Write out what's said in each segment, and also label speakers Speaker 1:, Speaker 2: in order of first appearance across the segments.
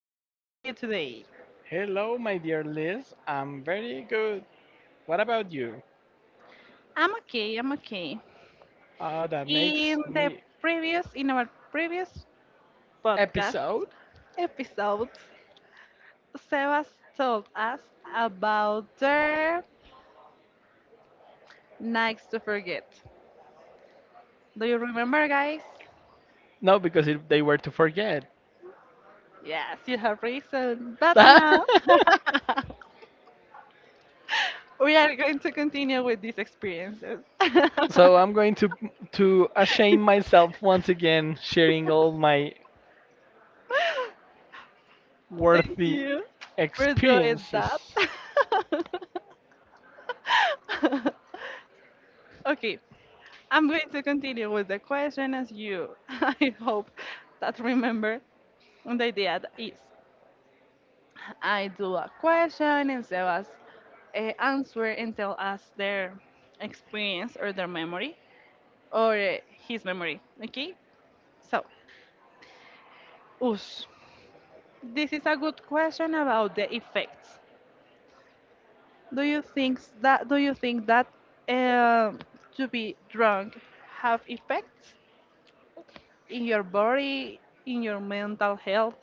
Speaker 1: How are you today?
Speaker 2: Hello, my dear Liz. I'm very good. What about you?
Speaker 1: I'm okay, I'm okay.
Speaker 2: That
Speaker 1: In
Speaker 2: makes
Speaker 1: the
Speaker 2: me
Speaker 1: in our previous podcast
Speaker 2: episode?
Speaker 1: episode, Sebas told us about their nights to forget. Do you remember, guys?
Speaker 2: No, because they were to forget.
Speaker 1: Yes, you have reason. But now we are going to continue with these experiences. Thank
Speaker 2: So I'm going to ashame myself once again, sharing all my worthy
Speaker 1: you for doing that.
Speaker 2: experiences.
Speaker 1: Okay, I'm going to continue with the question as you, I hope that remember. And the idea is I do a question and Sebas answer and tell us their experience or their memory or his memory. Okay, so, Ush, this is a good question about the effects. Do you think that um to be drunk have effects in your body, in your mental health,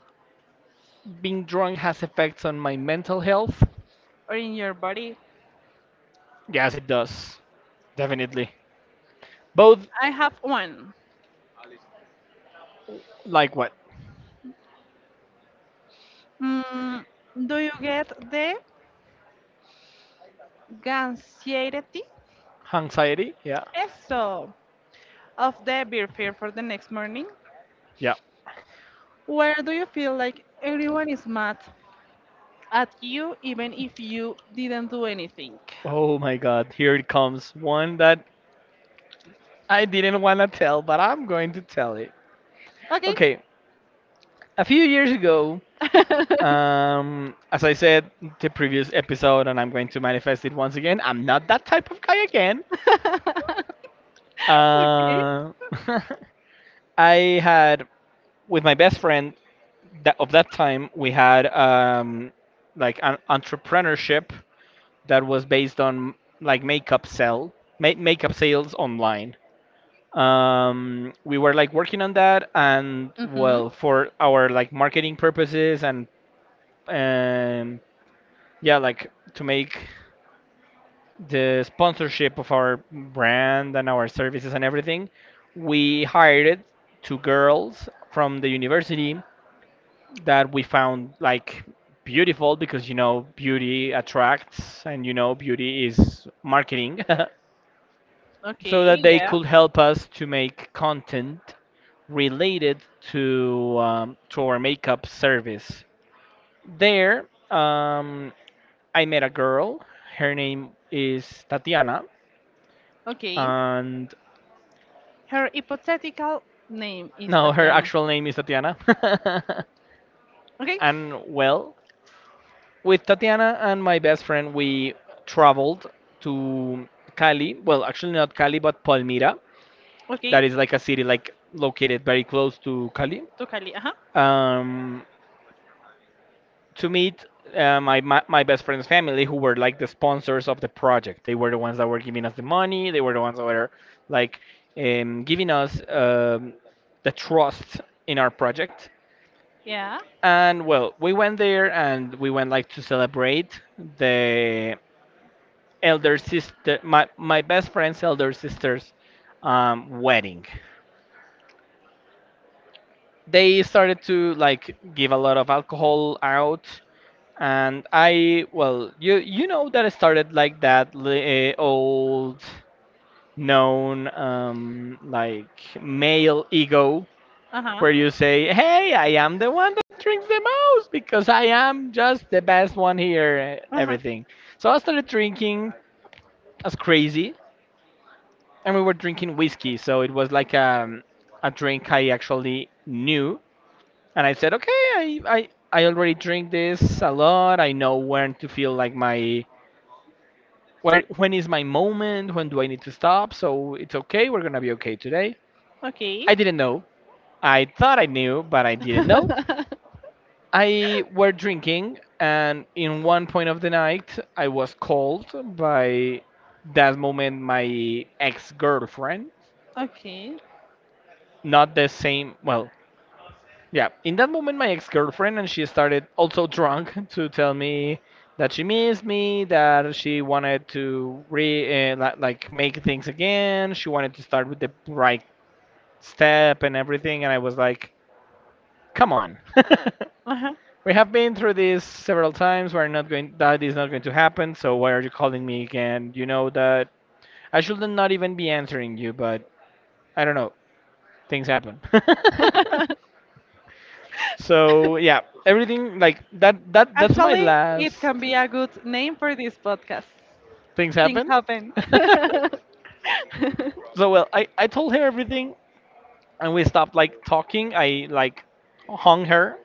Speaker 2: Being drunk has effects on my mental health.
Speaker 1: or in your body?
Speaker 2: Yes, it does. Definitely. Both,
Speaker 1: I have one.
Speaker 2: like what?
Speaker 1: Mm, do you get the anxiety?
Speaker 2: Anxiety? Yeah.
Speaker 1: Eso, of the beer fear for the next morning?
Speaker 2: Yeah.
Speaker 1: Where do you feel like everyone is mad at you even if you didn't do anything?
Speaker 2: Oh my god, here it comes. One that I didn't want to tell, but I'm going to tell it.
Speaker 1: Okay.
Speaker 2: Okay, a few years ago,
Speaker 1: Okay.
Speaker 2: as I said the previous episode, and I'm going to manifest it once again, I'm not that type of guy again. Uh, I had, with my best friend that of that time, we had like an entrepreneurship that was based on like makeup sell, makeup sales online. We were like working on that, and
Speaker 1: Mm-hmm.
Speaker 2: well, for our like marketing purposes, and um, yeah, like to make the sponsorship of our brand and our services and everything. We hired two girls from the university that we found like beautiful, because you know beauty attracts and you know beauty is marketing. So
Speaker 1: Okay,
Speaker 2: that they
Speaker 1: yeah.
Speaker 2: could help us to make content related to our makeup service. There, I met a girl. Her name is Tatiana,
Speaker 1: Okay.
Speaker 2: and
Speaker 1: Her hypothetical name is
Speaker 2: no, her
Speaker 1: Tatiana.
Speaker 2: actual name is Tatiana.
Speaker 1: Okay.
Speaker 2: And well, with Tatiana and my best friend, we traveled to Cali. Well, actually not Cali, but Palmira.
Speaker 1: Okay,
Speaker 2: That is like a city like located very close to Cali.
Speaker 1: to Cali. Uh-huh.
Speaker 2: Um, to meet my, my best friend's family, who were like the sponsors of the project. They were the ones that were giving us the money. They were the ones that were like, giving us the trust in our project.
Speaker 1: Yeah.
Speaker 2: And well, we went there and we went like to celebrate the elder sister, my best friend's elder sister's wedding. They started to like give a lot of alcohol out, and I, well, you know that I started like that old known, like male ego,
Speaker 1: Uh-huh.
Speaker 2: where you say, hey, I am the one that drinks the most because I am just the best one here,
Speaker 1: Uh-huh.
Speaker 2: everything. So I started drinking as crazy, and we were drinking whiskey, so it was like, a drink I actually knew. And I said, okay, I already drink this a lot, I know when to feel like my, where, when is my moment, when do I need to stop, so it's okay, we're gonna be okay today.
Speaker 1: Okay.
Speaker 2: I didn't know. I thought I knew, but I didn't know. I were drinking, and in one point of the night, I was called by, that moment, my ex-girlfriend.
Speaker 1: Okay.
Speaker 2: Not the same, well, yeah, in that moment, my ex girlfriend. And she started also drunk to tell me that she missed me, that she wanted to like make things again. She wanted to start with the right step and everything, and I was like, "Come on, we have been through this several times. We're not going. That is not going to happen. So why are you calling me again? You know that I should not even be answering you, but I don't know. Things happen."
Speaker 1: Uh-huh.
Speaker 2: So yeah, everything like that. That that's my
Speaker 1: Actually, it
Speaker 2: last
Speaker 1: can be a good name for this podcast.
Speaker 2: things
Speaker 1: Things
Speaker 2: happen.
Speaker 1: happen.
Speaker 2: So well, I told her everything, and we stopped like talking. I like hung her,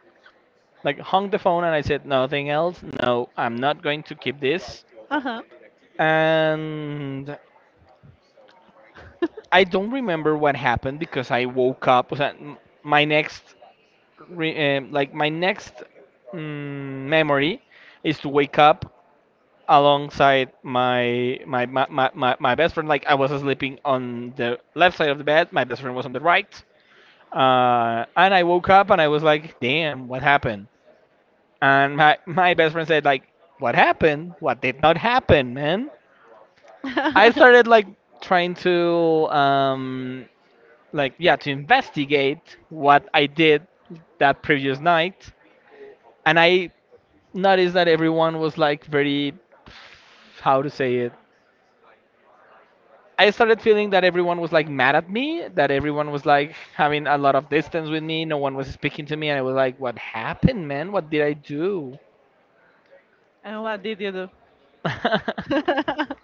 Speaker 2: like hung the phone, and I said nothing else. No, I'm not going to keep this.
Speaker 1: Uh-huh.
Speaker 2: And I don't remember what happened because I
Speaker 1: My,
Speaker 2: woke up. Was that my
Speaker 1: my,
Speaker 2: next, like my next
Speaker 1: memory
Speaker 2: memory is
Speaker 1: is
Speaker 2: to
Speaker 1: wake
Speaker 2: wake
Speaker 1: up
Speaker 2: up
Speaker 1: alongside
Speaker 2: alongside my, my best friend. Like I was sleeping on the left side of the bed, my best friend was on the right. And I woke up and I was like, damn, what happened? And my, best friend said like, what happened? What did not
Speaker 1: my.
Speaker 2: happen, man? I started like trying to like, yeah, to investigate what I did that previous night, and I noticed that everyone was like very, how to say it, I started feeling that everyone was like mad at me, that everyone was like having a lot of distance with me, no one was speaking to me, and I was like, what happened, man? What did I do?
Speaker 1: And what did you do?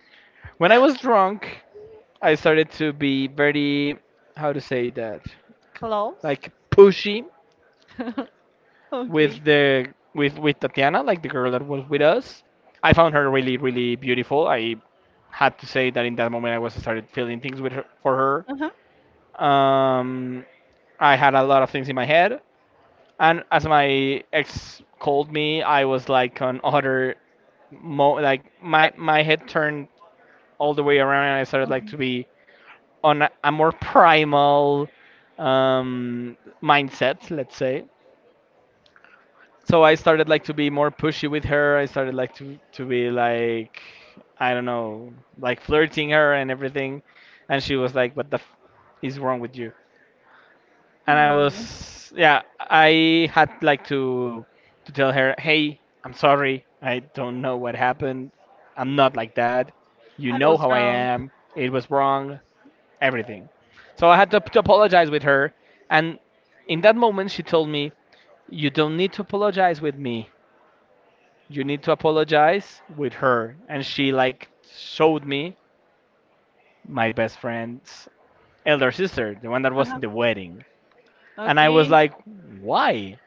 Speaker 2: When I was drunk, I started to be very, how to say that,
Speaker 1: Close.
Speaker 2: like pushy
Speaker 1: Okay.
Speaker 2: with the, with Tatiana, like the girl that was with us. I found her really, really beautiful. I had to say that in that moment I was started feeling things with her, for
Speaker 1: Uh-huh.
Speaker 2: her. I had a lot of things in my head. And as my ex called me, I was like on other mo like my, head turned all the way around, and I started like
Speaker 1: Mhm.
Speaker 2: to be on a, more primal um mindset, let's say. So I started like to be more pushy with her. I started like to be like, I don't know, like flirting her and everything. And she was like, "What the f is wrong with you?" And I
Speaker 1: Oh.
Speaker 2: was, yeah, I had like to tell her, "Hey, I'm sorry. I don't know what happened. I'm not like that. You
Speaker 1: I
Speaker 2: know
Speaker 1: was
Speaker 2: how I
Speaker 1: wrong.
Speaker 2: am. It was wrong, everything." So I had to apologize with her, and in that moment she told me, "You don't need to apologize with me. You need to apologize with her." And she like showed me my best friend's elder sister, the one that was in
Speaker 1: Uh-huh.
Speaker 2: the wedding. And I was
Speaker 1: Okay.
Speaker 2: like, "Why?"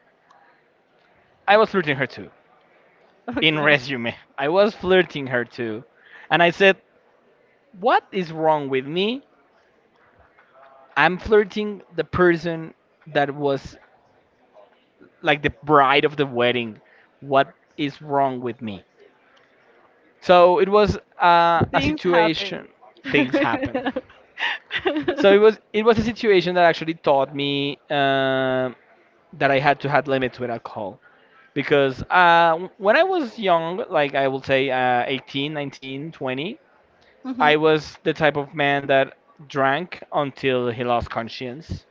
Speaker 2: I was flirting her too. In
Speaker 1: Okay.
Speaker 2: resume, I was flirting her too. And I said, what is wrong with me? I'm flirting the person that was like the bride of the wedding. What is wrong with me? So it was a
Speaker 1: Things happen.
Speaker 2: situation. Things happen. So it was, it was a situation that actually taught me that I had to have limits with alcohol, because when I was young, like I will say, 18, 19, 20,
Speaker 1: Mm-hmm.
Speaker 2: I was the type of man that drank until he lost conscience.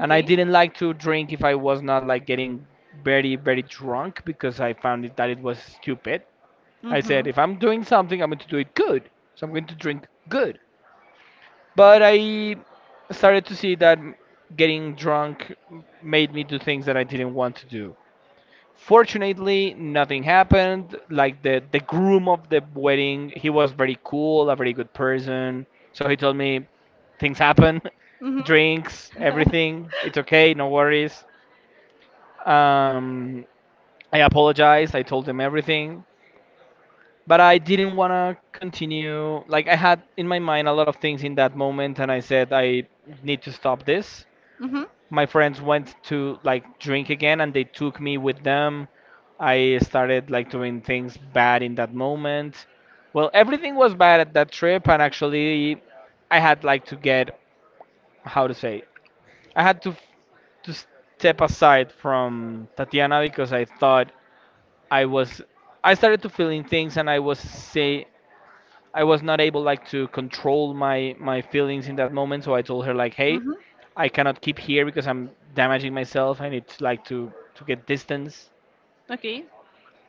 Speaker 2: And I didn't like to drink if I was not like getting very, very drunk, because I found it, that it was stupid. I said,
Speaker 1: Mm-hmm.
Speaker 2: if I'm doing something, I'm going to do it good. So I'm going to drink good. But I started to see that getting drunk made me do things that I didn't want to do. Fortunately, nothing happened. Like the groom of the wedding, he was very cool, a very good person. So he told me, things happen,
Speaker 1: Mm-hmm.
Speaker 2: drinks,
Speaker 1: Mm-hmm.
Speaker 2: everything. It's okay, no worries. Um, I apologized. I told him everything, but I didn't want to continue. Like I had in my mind a lot of things in that moment, and I said I need to stop this. My friends went to like drink again, and they took me with them. I started like doing things bad in that moment. Well, everything was bad at that trip, and actually I had like to get, how to say, I had to step aside from Tatiana, because I thought I was, I started to feeling things, and I was say I was not able like to control my, feelings in that moment, so I told her like, "Hey,
Speaker 1: Mm-hmm.
Speaker 2: I cannot keep here because I'm damaging myself. I need like to get distance
Speaker 1: Okay.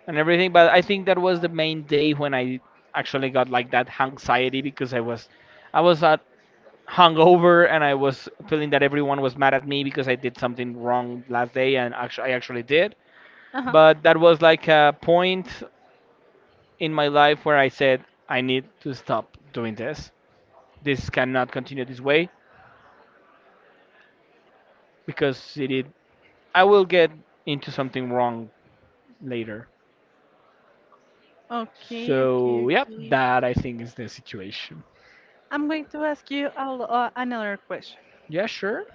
Speaker 2: and everything." But I think that was the main day when I actually got like that anxiety, because I was, I was uh, hungover, and I was feeling that everyone was mad at me because I did something wrong last day, and actually I actually did.
Speaker 1: Uh-huh.
Speaker 2: But that was like a point in my life where I said I need to stop doing this, this cannot continue this way, because I will get into something wrong later.
Speaker 1: Okay,
Speaker 2: So
Speaker 1: okay,
Speaker 2: yep,
Speaker 1: okay.
Speaker 2: that I think is the situation.
Speaker 1: I'm going to ask you another question.
Speaker 2: Yeah, sure.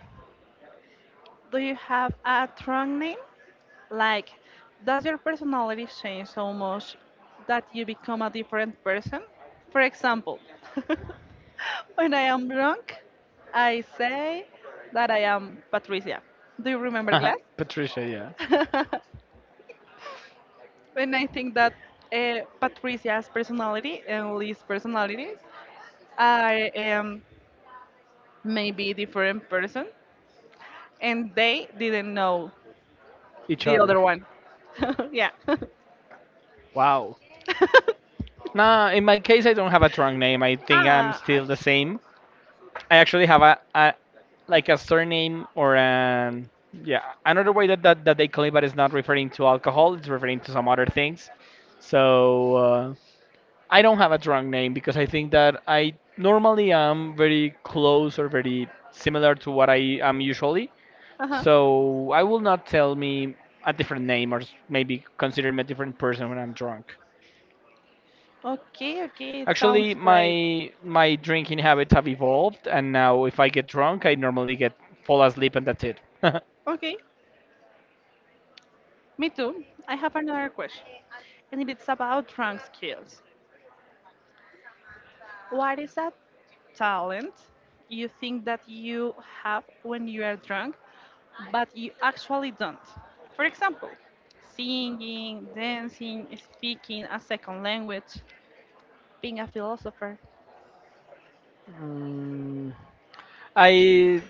Speaker 1: Do you have a strong name? Like, does your personality change so much that you become a different person? For example, when I am drunk, I say that I am Patricia. Do you remember that?
Speaker 2: Patricia, yeah.
Speaker 1: When I think that Patricia's personality and Lee's personalities, I am maybe different person, and they didn't know
Speaker 2: Each
Speaker 1: the
Speaker 2: other.
Speaker 1: other one. Yeah.
Speaker 2: Wow. Nah, in my case I don't have a strong name. I think I'm
Speaker 1: Ah.
Speaker 2: still the same. I actually have a, like a surname or an, yeah, another way that, that they call it, but it's not referring to alcohol, it's referring to some other things. So I don't have a drunk name, because I think that I normally am very close or very similar to what I am usually.
Speaker 1: Uh-huh.
Speaker 2: So I will not tell me a different name, or maybe consider me a different person when I'm drunk.
Speaker 1: Okay, okay, it sounds
Speaker 2: Actually,
Speaker 1: great.
Speaker 2: my, drinking habits have evolved, and now if I get drunk, I normally get fall asleep and that's it.
Speaker 1: Okay, me too. I have another question, and it's about trunk skills. What is that talent you think that you have when you are drunk, but you actually don't? For example, singing, dancing, speaking a second language, being a philosopher.
Speaker 2: Mm, I,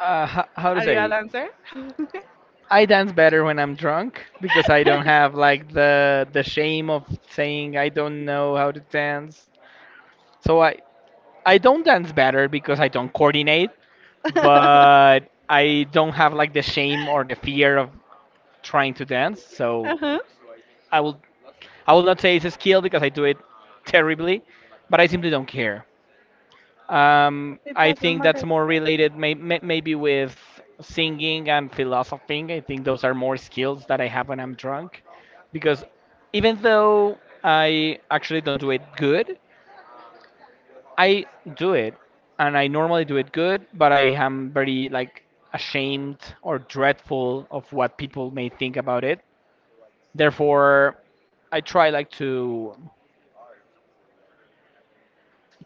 Speaker 2: how to
Speaker 1: Are you a
Speaker 2: say,
Speaker 1: dancer?
Speaker 2: I dance better when I'm drunk because I don't have like the shame of saying I don't know how to dance. So I don't dance better because I don't coordinate,
Speaker 1: Uh-huh.
Speaker 2: but I don't have like the shame or the fear of trying to dance. So I will I will not say it's a skill because I do it terribly, but I simply don't care. Um,
Speaker 1: It
Speaker 2: I
Speaker 1: doesn't
Speaker 2: think
Speaker 1: matter.
Speaker 2: that's more related maybe with singing and philosophing. I think those are more skills that I have when I'm drunk because even though I actually don't do it good, I do it and I normally do it good, but I am very like ashamed or dreadful of what people may think about it. Therefore, I try like to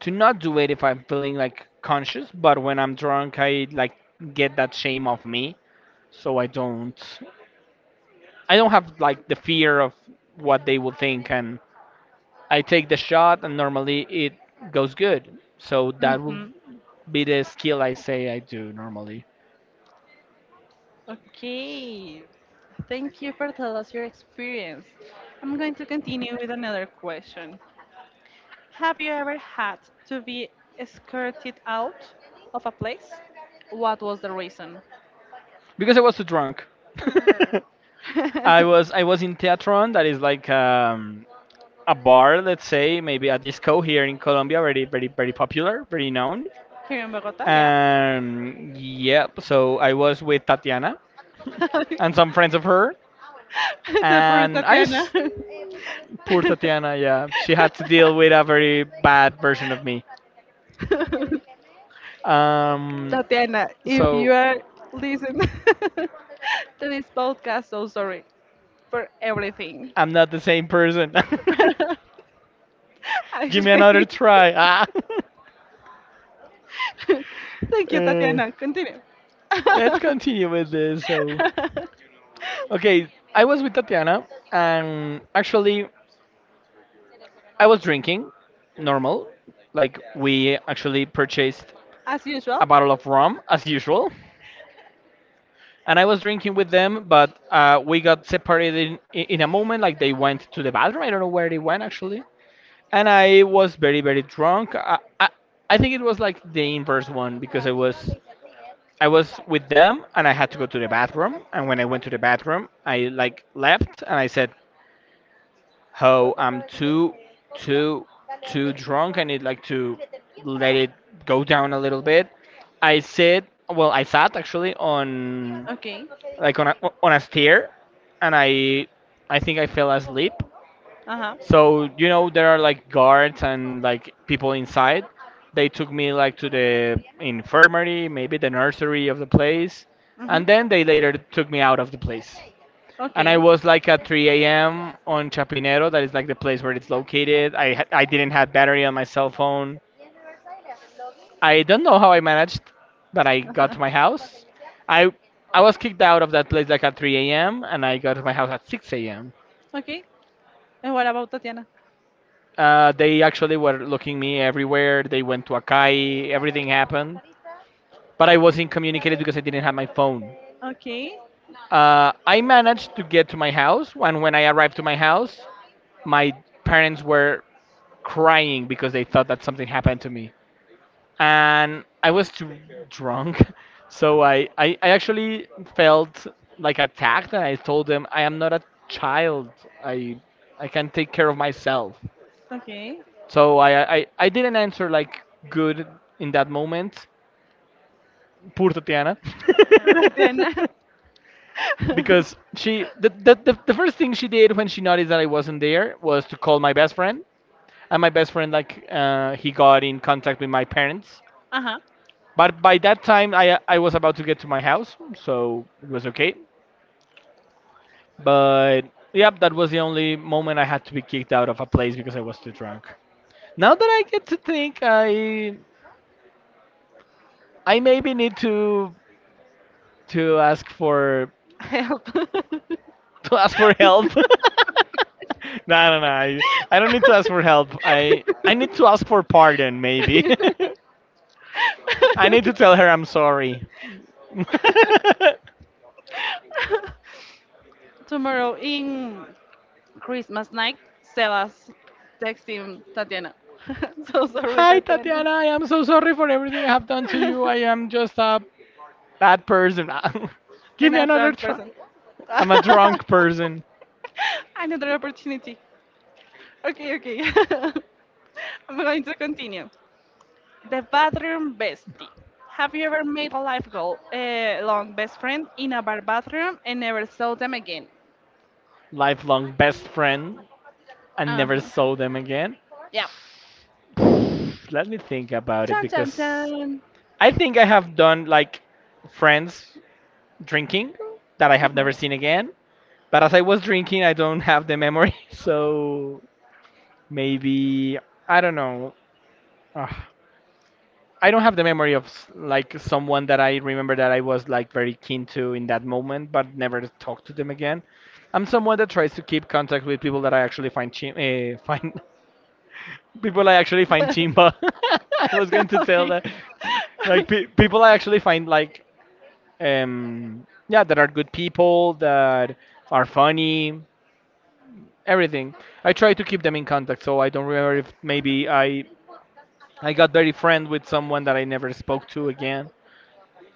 Speaker 2: to not do it if I'm feeling like conscious, but when I'm drunk, I like get that shame off me, so I don't have like the fear of what they will think, and I take the shot, and normally it goes good. So that will
Speaker 1: Mm-hmm.
Speaker 2: be the skill I say I do normally
Speaker 1: Okay. Thank you for telling us your experience. I'm going to continue with another question. Have you ever had to be escorted out of a place? What was the reason?
Speaker 2: because I was too drunk. I
Speaker 1: Here
Speaker 2: was I was in Teatron, that is like a bar, let's say, maybe a disco here in Colombia, very very very popular, very known.
Speaker 1: in Bogota, yeah.
Speaker 2: And yep. So I was with Tatiana
Speaker 1: The
Speaker 2: and some friends of her,
Speaker 1: poor
Speaker 2: and I. s-
Speaker 1: Tatiana.
Speaker 2: Poor Tatiana. Yeah, she had to deal with a very bad version of me. Um,
Speaker 1: Tatiana, if you
Speaker 2: so
Speaker 1: are listening to this podcast, so sorry for everything.
Speaker 2: I'm not the same person.
Speaker 1: I
Speaker 2: Give me another
Speaker 1: changed.
Speaker 2: try. Ah.
Speaker 1: Thank you,
Speaker 2: Uh,
Speaker 1: Tatiana. Continue.
Speaker 2: let's continue with this. So, okay, I was with Tatiana, and actually, I was drinking normal. Like, we actually purchased
Speaker 1: As
Speaker 2: a
Speaker 1: usual.
Speaker 2: bottle of rum as usual, and I was drinking with them. But we got separated in a moment. Like they went to the bathroom. I don't know where they went actually. And I was very very drunk. I think it was like the inverse one because I was with them and I had to go to the bathroom. And when I went to the bathroom, I like left and I said, how I'm too too drunk. I need like to let it go down a little bit. I sit I sat actually on
Speaker 1: Okay.
Speaker 2: like on a stair, and I think I fell asleep.
Speaker 1: Uh huh.
Speaker 2: So you know there are like guards and like people inside. They took me like to the infirmary, maybe the nursery of the place,
Speaker 1: Mm-hmm.
Speaker 2: and then they later took me out of the place. And I
Speaker 1: Okay.
Speaker 2: was like at 3 a.m. on Chapinero, that is like the place where it's located. I didn't have battery on my cell phone. I don't know how I managed, but I got to my house. I I was kicked out of that place like at 3 a.m. and I got to my house at 6 a.m.
Speaker 1: Okay. And what about Tatiana?
Speaker 2: They actually were looking me everywhere. They went to Akai. Everything happened, but I wasn't communicated because I didn't have my phone.
Speaker 1: Okay.
Speaker 2: I managed to get to my house, and when I arrived to my house, my parents were crying because they thought that something happened to me. And I was too drunk. So I actually felt like attacked and I told them I am not a child. I I can take care of myself.
Speaker 1: Okay.
Speaker 2: So I didn't answer like good in that moment. Poor Tatiana.
Speaker 1: Tatiana.
Speaker 2: because she the first thing she did when she noticed that I wasn't there was to call my best friend. And my best friend like he got in contact with my parents.
Speaker 1: Uh huh.
Speaker 2: But by that time, I was about to get to my house, so it was okay. But yep, that was the only moment I had to be kicked out of a place because I was too drunk. Now that I get to think, I maybe need to ask for
Speaker 1: Help.
Speaker 2: to ask for help. No, no, no. I, I don't need to ask for help. I need to ask for pardon, maybe. I need to tell her I'm sorry.
Speaker 1: Tomorrow in Christmas night, Sebas texting Tatiana. So sorry,
Speaker 2: Hi,
Speaker 1: Tatiana.
Speaker 2: Tatiana. I am so sorry for everything I have done to you. I am just a bad person. Give
Speaker 1: And
Speaker 2: me
Speaker 1: a
Speaker 2: another
Speaker 1: drunk
Speaker 2: try.
Speaker 1: person.
Speaker 2: I'm a drunk person,
Speaker 1: Another opportunity. Okay, okay. I'm going to continue. The bathroom bestie. Have you ever made a life goal, a long best friend in a bar bathroom and never saw them again?
Speaker 2: lifelong best friend, and
Speaker 1: Uh
Speaker 2: never
Speaker 1: huh.
Speaker 2: saw them again.
Speaker 1: Yeah.
Speaker 2: Let me think about it
Speaker 1: Chan chan
Speaker 2: because
Speaker 1: chan.
Speaker 2: I think I have done like friends drinking that I
Speaker 1: Uh
Speaker 2: have never
Speaker 1: huh.
Speaker 2: seen again. But as I was drinking, I don't have the memory, so maybe I don't know. Ugh. I don't have the memory of like someone that I remember that I was like very keen to in that moment, but never talked to them again. I'm someone that tries to keep contact with people that I actually find people I actually find chimba. I was going to tell
Speaker 1: Okay.
Speaker 2: that like people I actually find like yeah that are good people that are funny everything. I try to keep them in contact, so I don't remember if maybe I got very friend with someone that I never spoke to again.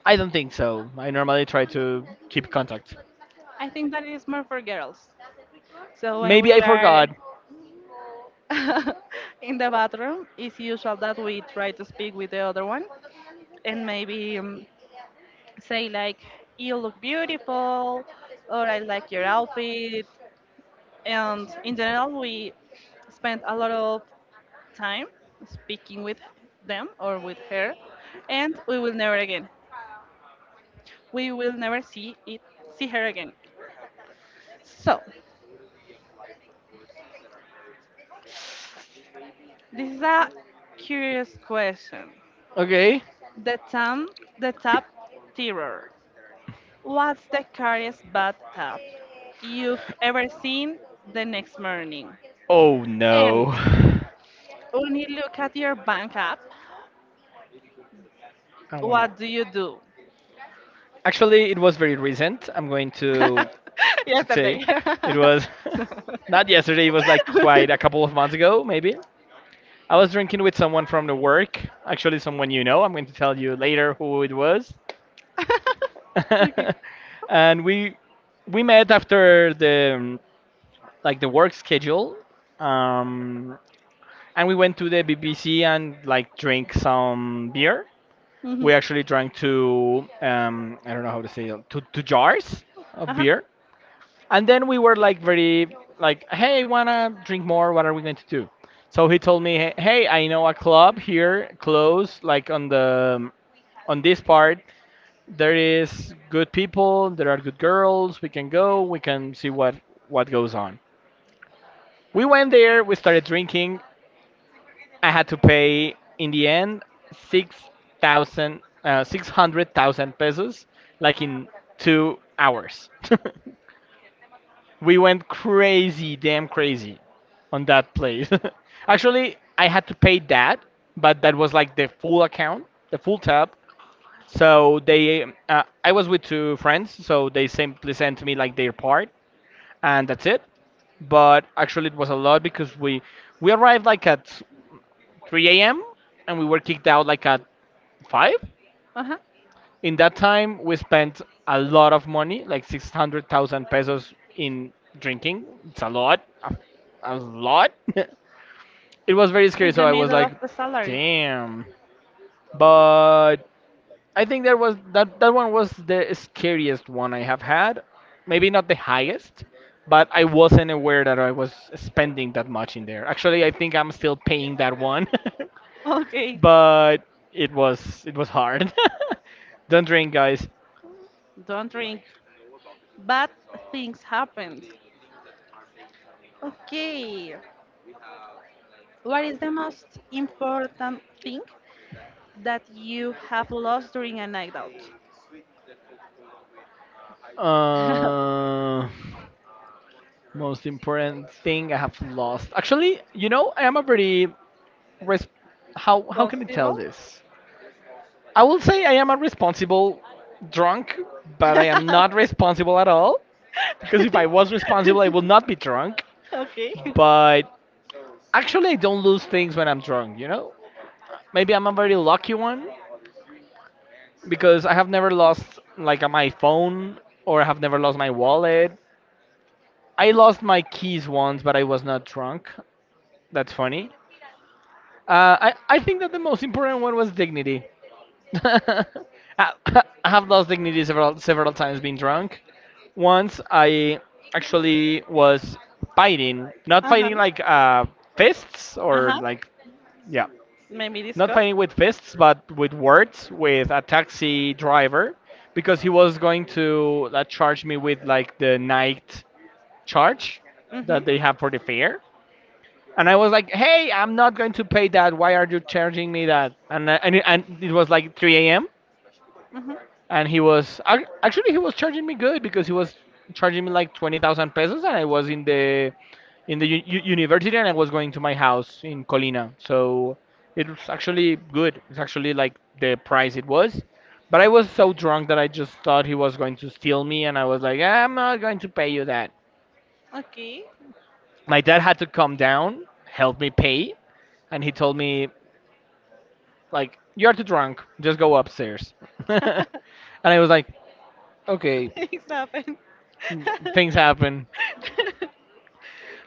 Speaker 2: I don't think so. I normally try to keep contact.
Speaker 1: I think that is more for girls. So when
Speaker 2: Maybe
Speaker 1: we
Speaker 2: I
Speaker 1: are
Speaker 2: forgot.
Speaker 1: in the bathroom, it's usual that we try to speak with the other one and maybe say like, "You look beautiful," or "I like your outfit." And in general, we spend a lot of time speaking with them or with her, and we will never again. We will never see her again. So this is a curious question.
Speaker 2: Okay.
Speaker 1: The term the tap terror. What's the scariest bad tap you've ever seen the next morning?
Speaker 2: Oh
Speaker 1: And
Speaker 2: no.
Speaker 1: when you look at your bank app,
Speaker 2: I wanna.
Speaker 1: what do you do?
Speaker 2: Actually, it was very recent. I'm going to say
Speaker 1: Yesterday.
Speaker 2: it was not yesterday. It was like quite a couple of months ago, maybe. I was drinking with someone from the work. Actually, someone you know. I'm going to tell you later who it was.
Speaker 1: Okay.
Speaker 2: And we met after the like the work schedule, um, and we went to the BBC and like drink some beer.
Speaker 1: Mhm.
Speaker 2: We actually drank two I don't know how to say it, two jars
Speaker 1: Uh
Speaker 2: of
Speaker 1: huh.
Speaker 2: beer. And then we were like very like, hey, wanna drink more? What are we going to do? So he told me, hey, I know a club here close, like on this part. There is good people. There are good girls. We can go. We can see what goes on. We went there. We started drinking. I had to pay in the end six 600,000 pesos, like in 2 hours. We went crazy, damn crazy, on that place. Actually, I had to pay that, but that was like the full tab. So they, I was with two friends, so they simply sent me like their part, and that's it. But actually, it was a lot because we arrived like at 3 a.m. and we were kicked out like at 5.
Speaker 1: Uh huh.
Speaker 2: In that time, we spent a lot of money, like 600,000 pesos in drinking. It's a lot. A lot. It was very scary,
Speaker 1: It's the
Speaker 2: so I was
Speaker 1: middle
Speaker 2: like,
Speaker 1: of the salary.
Speaker 2: damn. But I think that that one was the scariest one I have had. Maybe not the highest, but I wasn't aware that I was spending that much in there. Actually, I think I'm still paying that one.
Speaker 1: Okay.
Speaker 2: But it was hard. Don't drink, guys.
Speaker 1: Don't drink. Bad things happen. Okay. What is the most important thing that you have lost during a night out?
Speaker 2: Uh, Most important thing I have lost. Actually, you know, I am a very res- how can I tell
Speaker 1: Possible?
Speaker 2: this? I will say I am a responsible drunk, but I am not responsible at all. Because if I was responsible, I would not be drunk.
Speaker 1: Okay.
Speaker 2: But actually, I don't lose things when I'm drunk. You know, maybe I'm a very lucky one because I have never lost like my phone or I have never lost my wallet. I lost my keys once, but I was not drunk. That's funny. I think that the most important one was dignity. I, I have lost dignity several several times being drunk. Once I actually was fighting, not
Speaker 1: Uh huh.
Speaker 2: fighting like fists
Speaker 1: Uh
Speaker 2: or
Speaker 1: huh.
Speaker 2: like yeah,
Speaker 1: Maybe
Speaker 2: not
Speaker 1: discuss.
Speaker 2: fighting with fists, but with words with a taxi driver because he was going to charge me with like the night charge
Speaker 1: Mm hmm.
Speaker 2: that they have for the fare. And I was like, "Hey, I'm not going to pay that. Why are you charging me that?" And it was like 3 a.m.
Speaker 1: Mm hmm.
Speaker 2: and he was actually he was charging me good because he was charging me like 20,000 pesos and I was in the in the university and I was going to my house in Colina. So it was actually good. It's actually like the price it was. But I was so drunk that I just thought he was going to steal me and I was like, "Ah, I'm not going to pay you that."
Speaker 1: Okay.
Speaker 2: My dad had to come down, help me pay, and he told me like, "You're too drunk, just go upstairs." And I was like, "Okay,
Speaker 1: Things happen.
Speaker 2: things happen."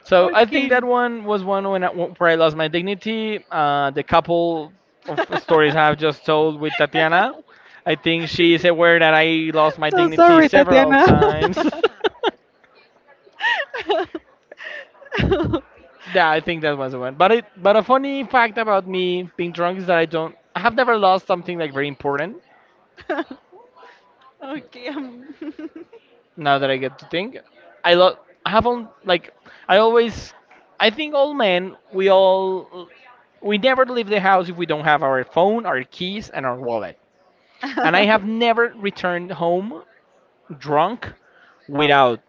Speaker 2: So I think
Speaker 1: Okay.
Speaker 2: that one was one where I lost my dignity, the couple of stories I've just told with Tatiana. I think she is aware that I lost my
Speaker 1: So
Speaker 2: dignity
Speaker 1: sorry,
Speaker 2: several
Speaker 1: Tatiana.
Speaker 2: times. Yeah, I think that was the one. But a funny fact about me being drunk is that I have never lost something like very important,
Speaker 1: Okay.
Speaker 2: now that I get to think. I love. I have on like. I always. I think all men. We all. We never leave the house if we don't have our phone, our keys, and our wallet. And I have never returned home drunk without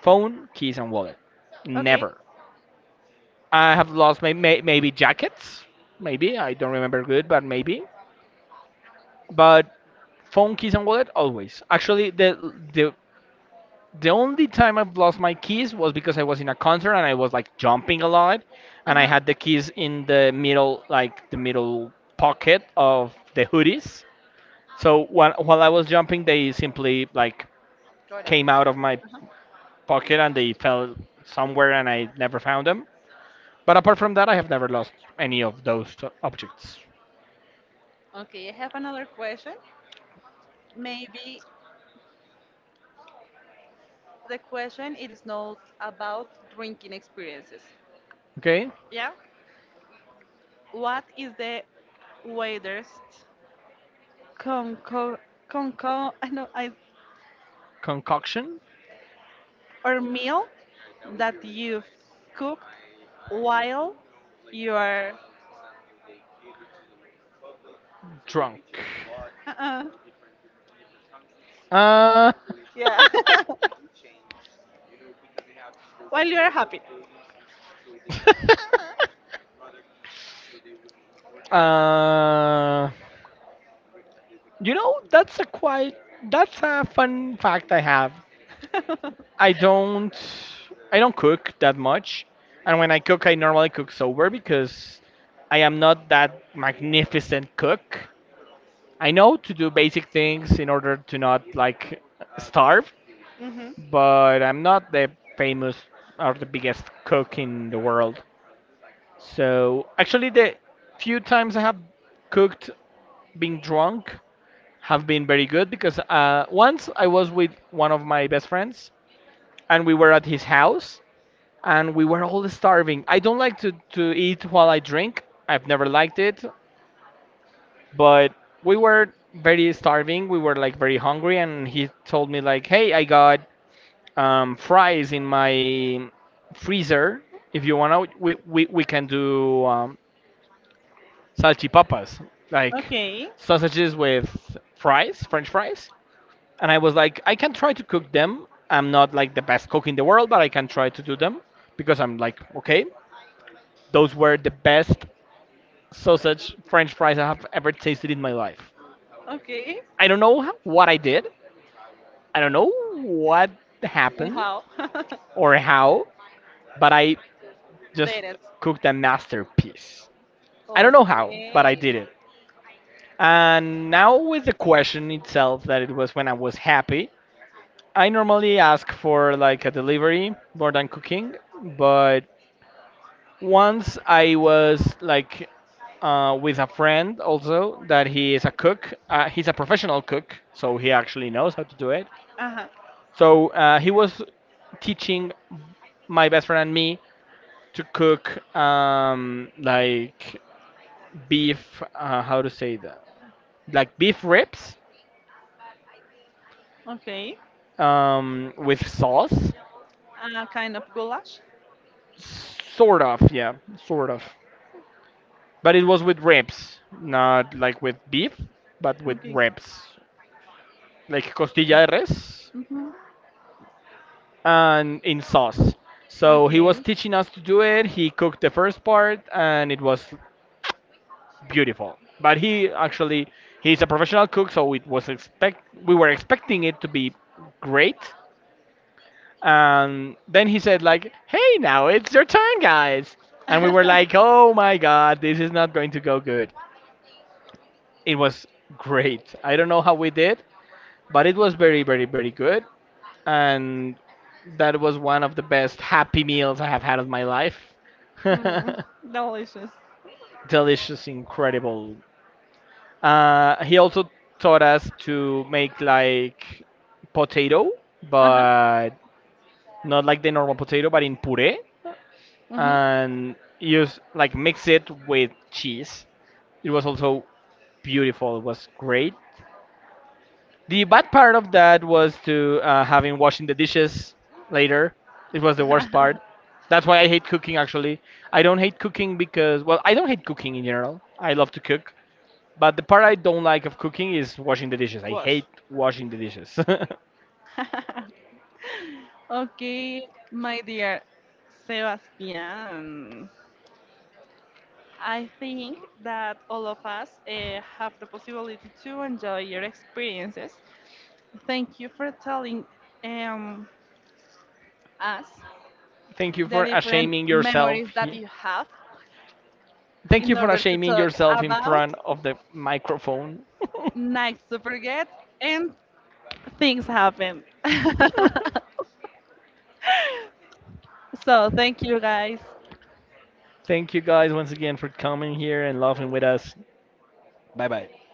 Speaker 2: phone, keys, and wallet.
Speaker 1: Okay.
Speaker 2: Never. I have lost maybe jackets. Maybe I don't remember good, but maybe. But phone, keys, and wallet always. Actually, the only time I've lost my keys was because I was in a concert and I was like jumping a lot,
Speaker 1: Uh
Speaker 2: and I
Speaker 1: huh.
Speaker 2: had the keys in the middle, like the middle pocket of the hoodies. So while I was jumping, they simply like came out of my pocket and they fell somewhere, and I never found them. But apart from that, I have never lost any of those objects.
Speaker 1: Okay. I have another question. Maybe the question it is not about drinking experiences.
Speaker 2: Okay,
Speaker 1: Yeah. What is the weirdest conco conco? I know. I
Speaker 2: concoction,
Speaker 1: or meal that you've cooked while you are
Speaker 2: drunk.
Speaker 1: uh-uh.
Speaker 2: Uh.
Speaker 1: Yeah. While you are happy.
Speaker 2: uh. You know, that's a fun fact I have. I don't I don't cook that much, and when I cook, I normally cook sober because I am not that magnificent cook. I know to do basic things in order to not like starve,
Speaker 1: Hmm.
Speaker 2: but I'm not the famous or the biggest cook in the world. So actually, the few times I have cooked being drunk have been very good because once I was with one of my best friends and we were at his house and we were all starving. I don't like to eat while I drink, I've never liked it, but we were very starving. We were like very hungry, and he told me, like, "Hey, I got fries in my freezer. If you wanna, we can do salchipapas, like
Speaker 1: Okay,
Speaker 2: sausages with fries, French fries." And I was like, "I can try to cook them. I'm not like the best cook in the world, but I can try to do them." Because I'm like, okay, those were the best sausage French fries I have ever tasted in my life.
Speaker 1: okay.
Speaker 2: I don't know what I did. I don't know what
Speaker 1: And
Speaker 2: happened
Speaker 1: how?
Speaker 2: or how, but I just
Speaker 1: Dated.
Speaker 2: cooked a masterpiece. I don't know how, but I did
Speaker 1: Okay.
Speaker 2: it. And now with the question itself that it was when I was happy, I normally ask for like a delivery more than cooking, but once I was like with a friend also that he is a cook. He's a professional cook, so he actually knows how to do it.
Speaker 1: Uh huh.
Speaker 2: So he was teaching my best friend and me to cook, like beef. How to say that? Like beef ribs,
Speaker 1: Okay.
Speaker 2: with sauce.
Speaker 1: Kind of goulash.
Speaker 2: Sort of, yeah, sort of. But it was with ribs, not like with beef, but with
Speaker 1: Okay.
Speaker 2: ribs. Like costilla de res,
Speaker 1: Mm-hmm.
Speaker 2: and in sauce. So he
Speaker 1: Okay.
Speaker 2: was teaching us to do it. He cooked the first part and it was beautiful. But he actually he's a professional cook, so it was expect we were expecting it to be great. And then he said like, "Hey, now it's your turn, guys." And we were like, "Oh my god, this is not going to go good." It was great. I don't know how we did, but it was very very good. And that was one of the best happy meals I have had of my life.
Speaker 1: mm, delicious.
Speaker 2: Delicious, incredible. He also taught us to make like potato,
Speaker 1: Uh huh.
Speaker 2: but not like the normal potato, but in puree,
Speaker 1: Mm-hmm.
Speaker 2: and use like mix it with cheese. It was also beautiful. It was great. The bad part of that was to, having washing the dishes later. It was the worst part. That's why I hate cooking. Actually, I don't hate cooking because, well, I don't hate cooking in general. I love to cook, but the part I don't like of cooking is washing the dishes. I
Speaker 1: Wash.
Speaker 2: hate washing the dishes.
Speaker 1: Okay, my dear Sebastian. I think that all of us have the possibility to enjoy your experiences. Thank you for telling um, us
Speaker 2: Thank you
Speaker 1: the
Speaker 2: for
Speaker 1: different
Speaker 2: ashaming yourself.
Speaker 1: memories that you have
Speaker 2: Thank
Speaker 1: in
Speaker 2: you for
Speaker 1: order to
Speaker 2: ashaming
Speaker 1: talk
Speaker 2: yourself in
Speaker 1: about
Speaker 2: front of the microphone.
Speaker 1: nights to forget and things happen. So thank you guys.
Speaker 2: Thank you guys once again for coming here and laughing with us. Bye bye.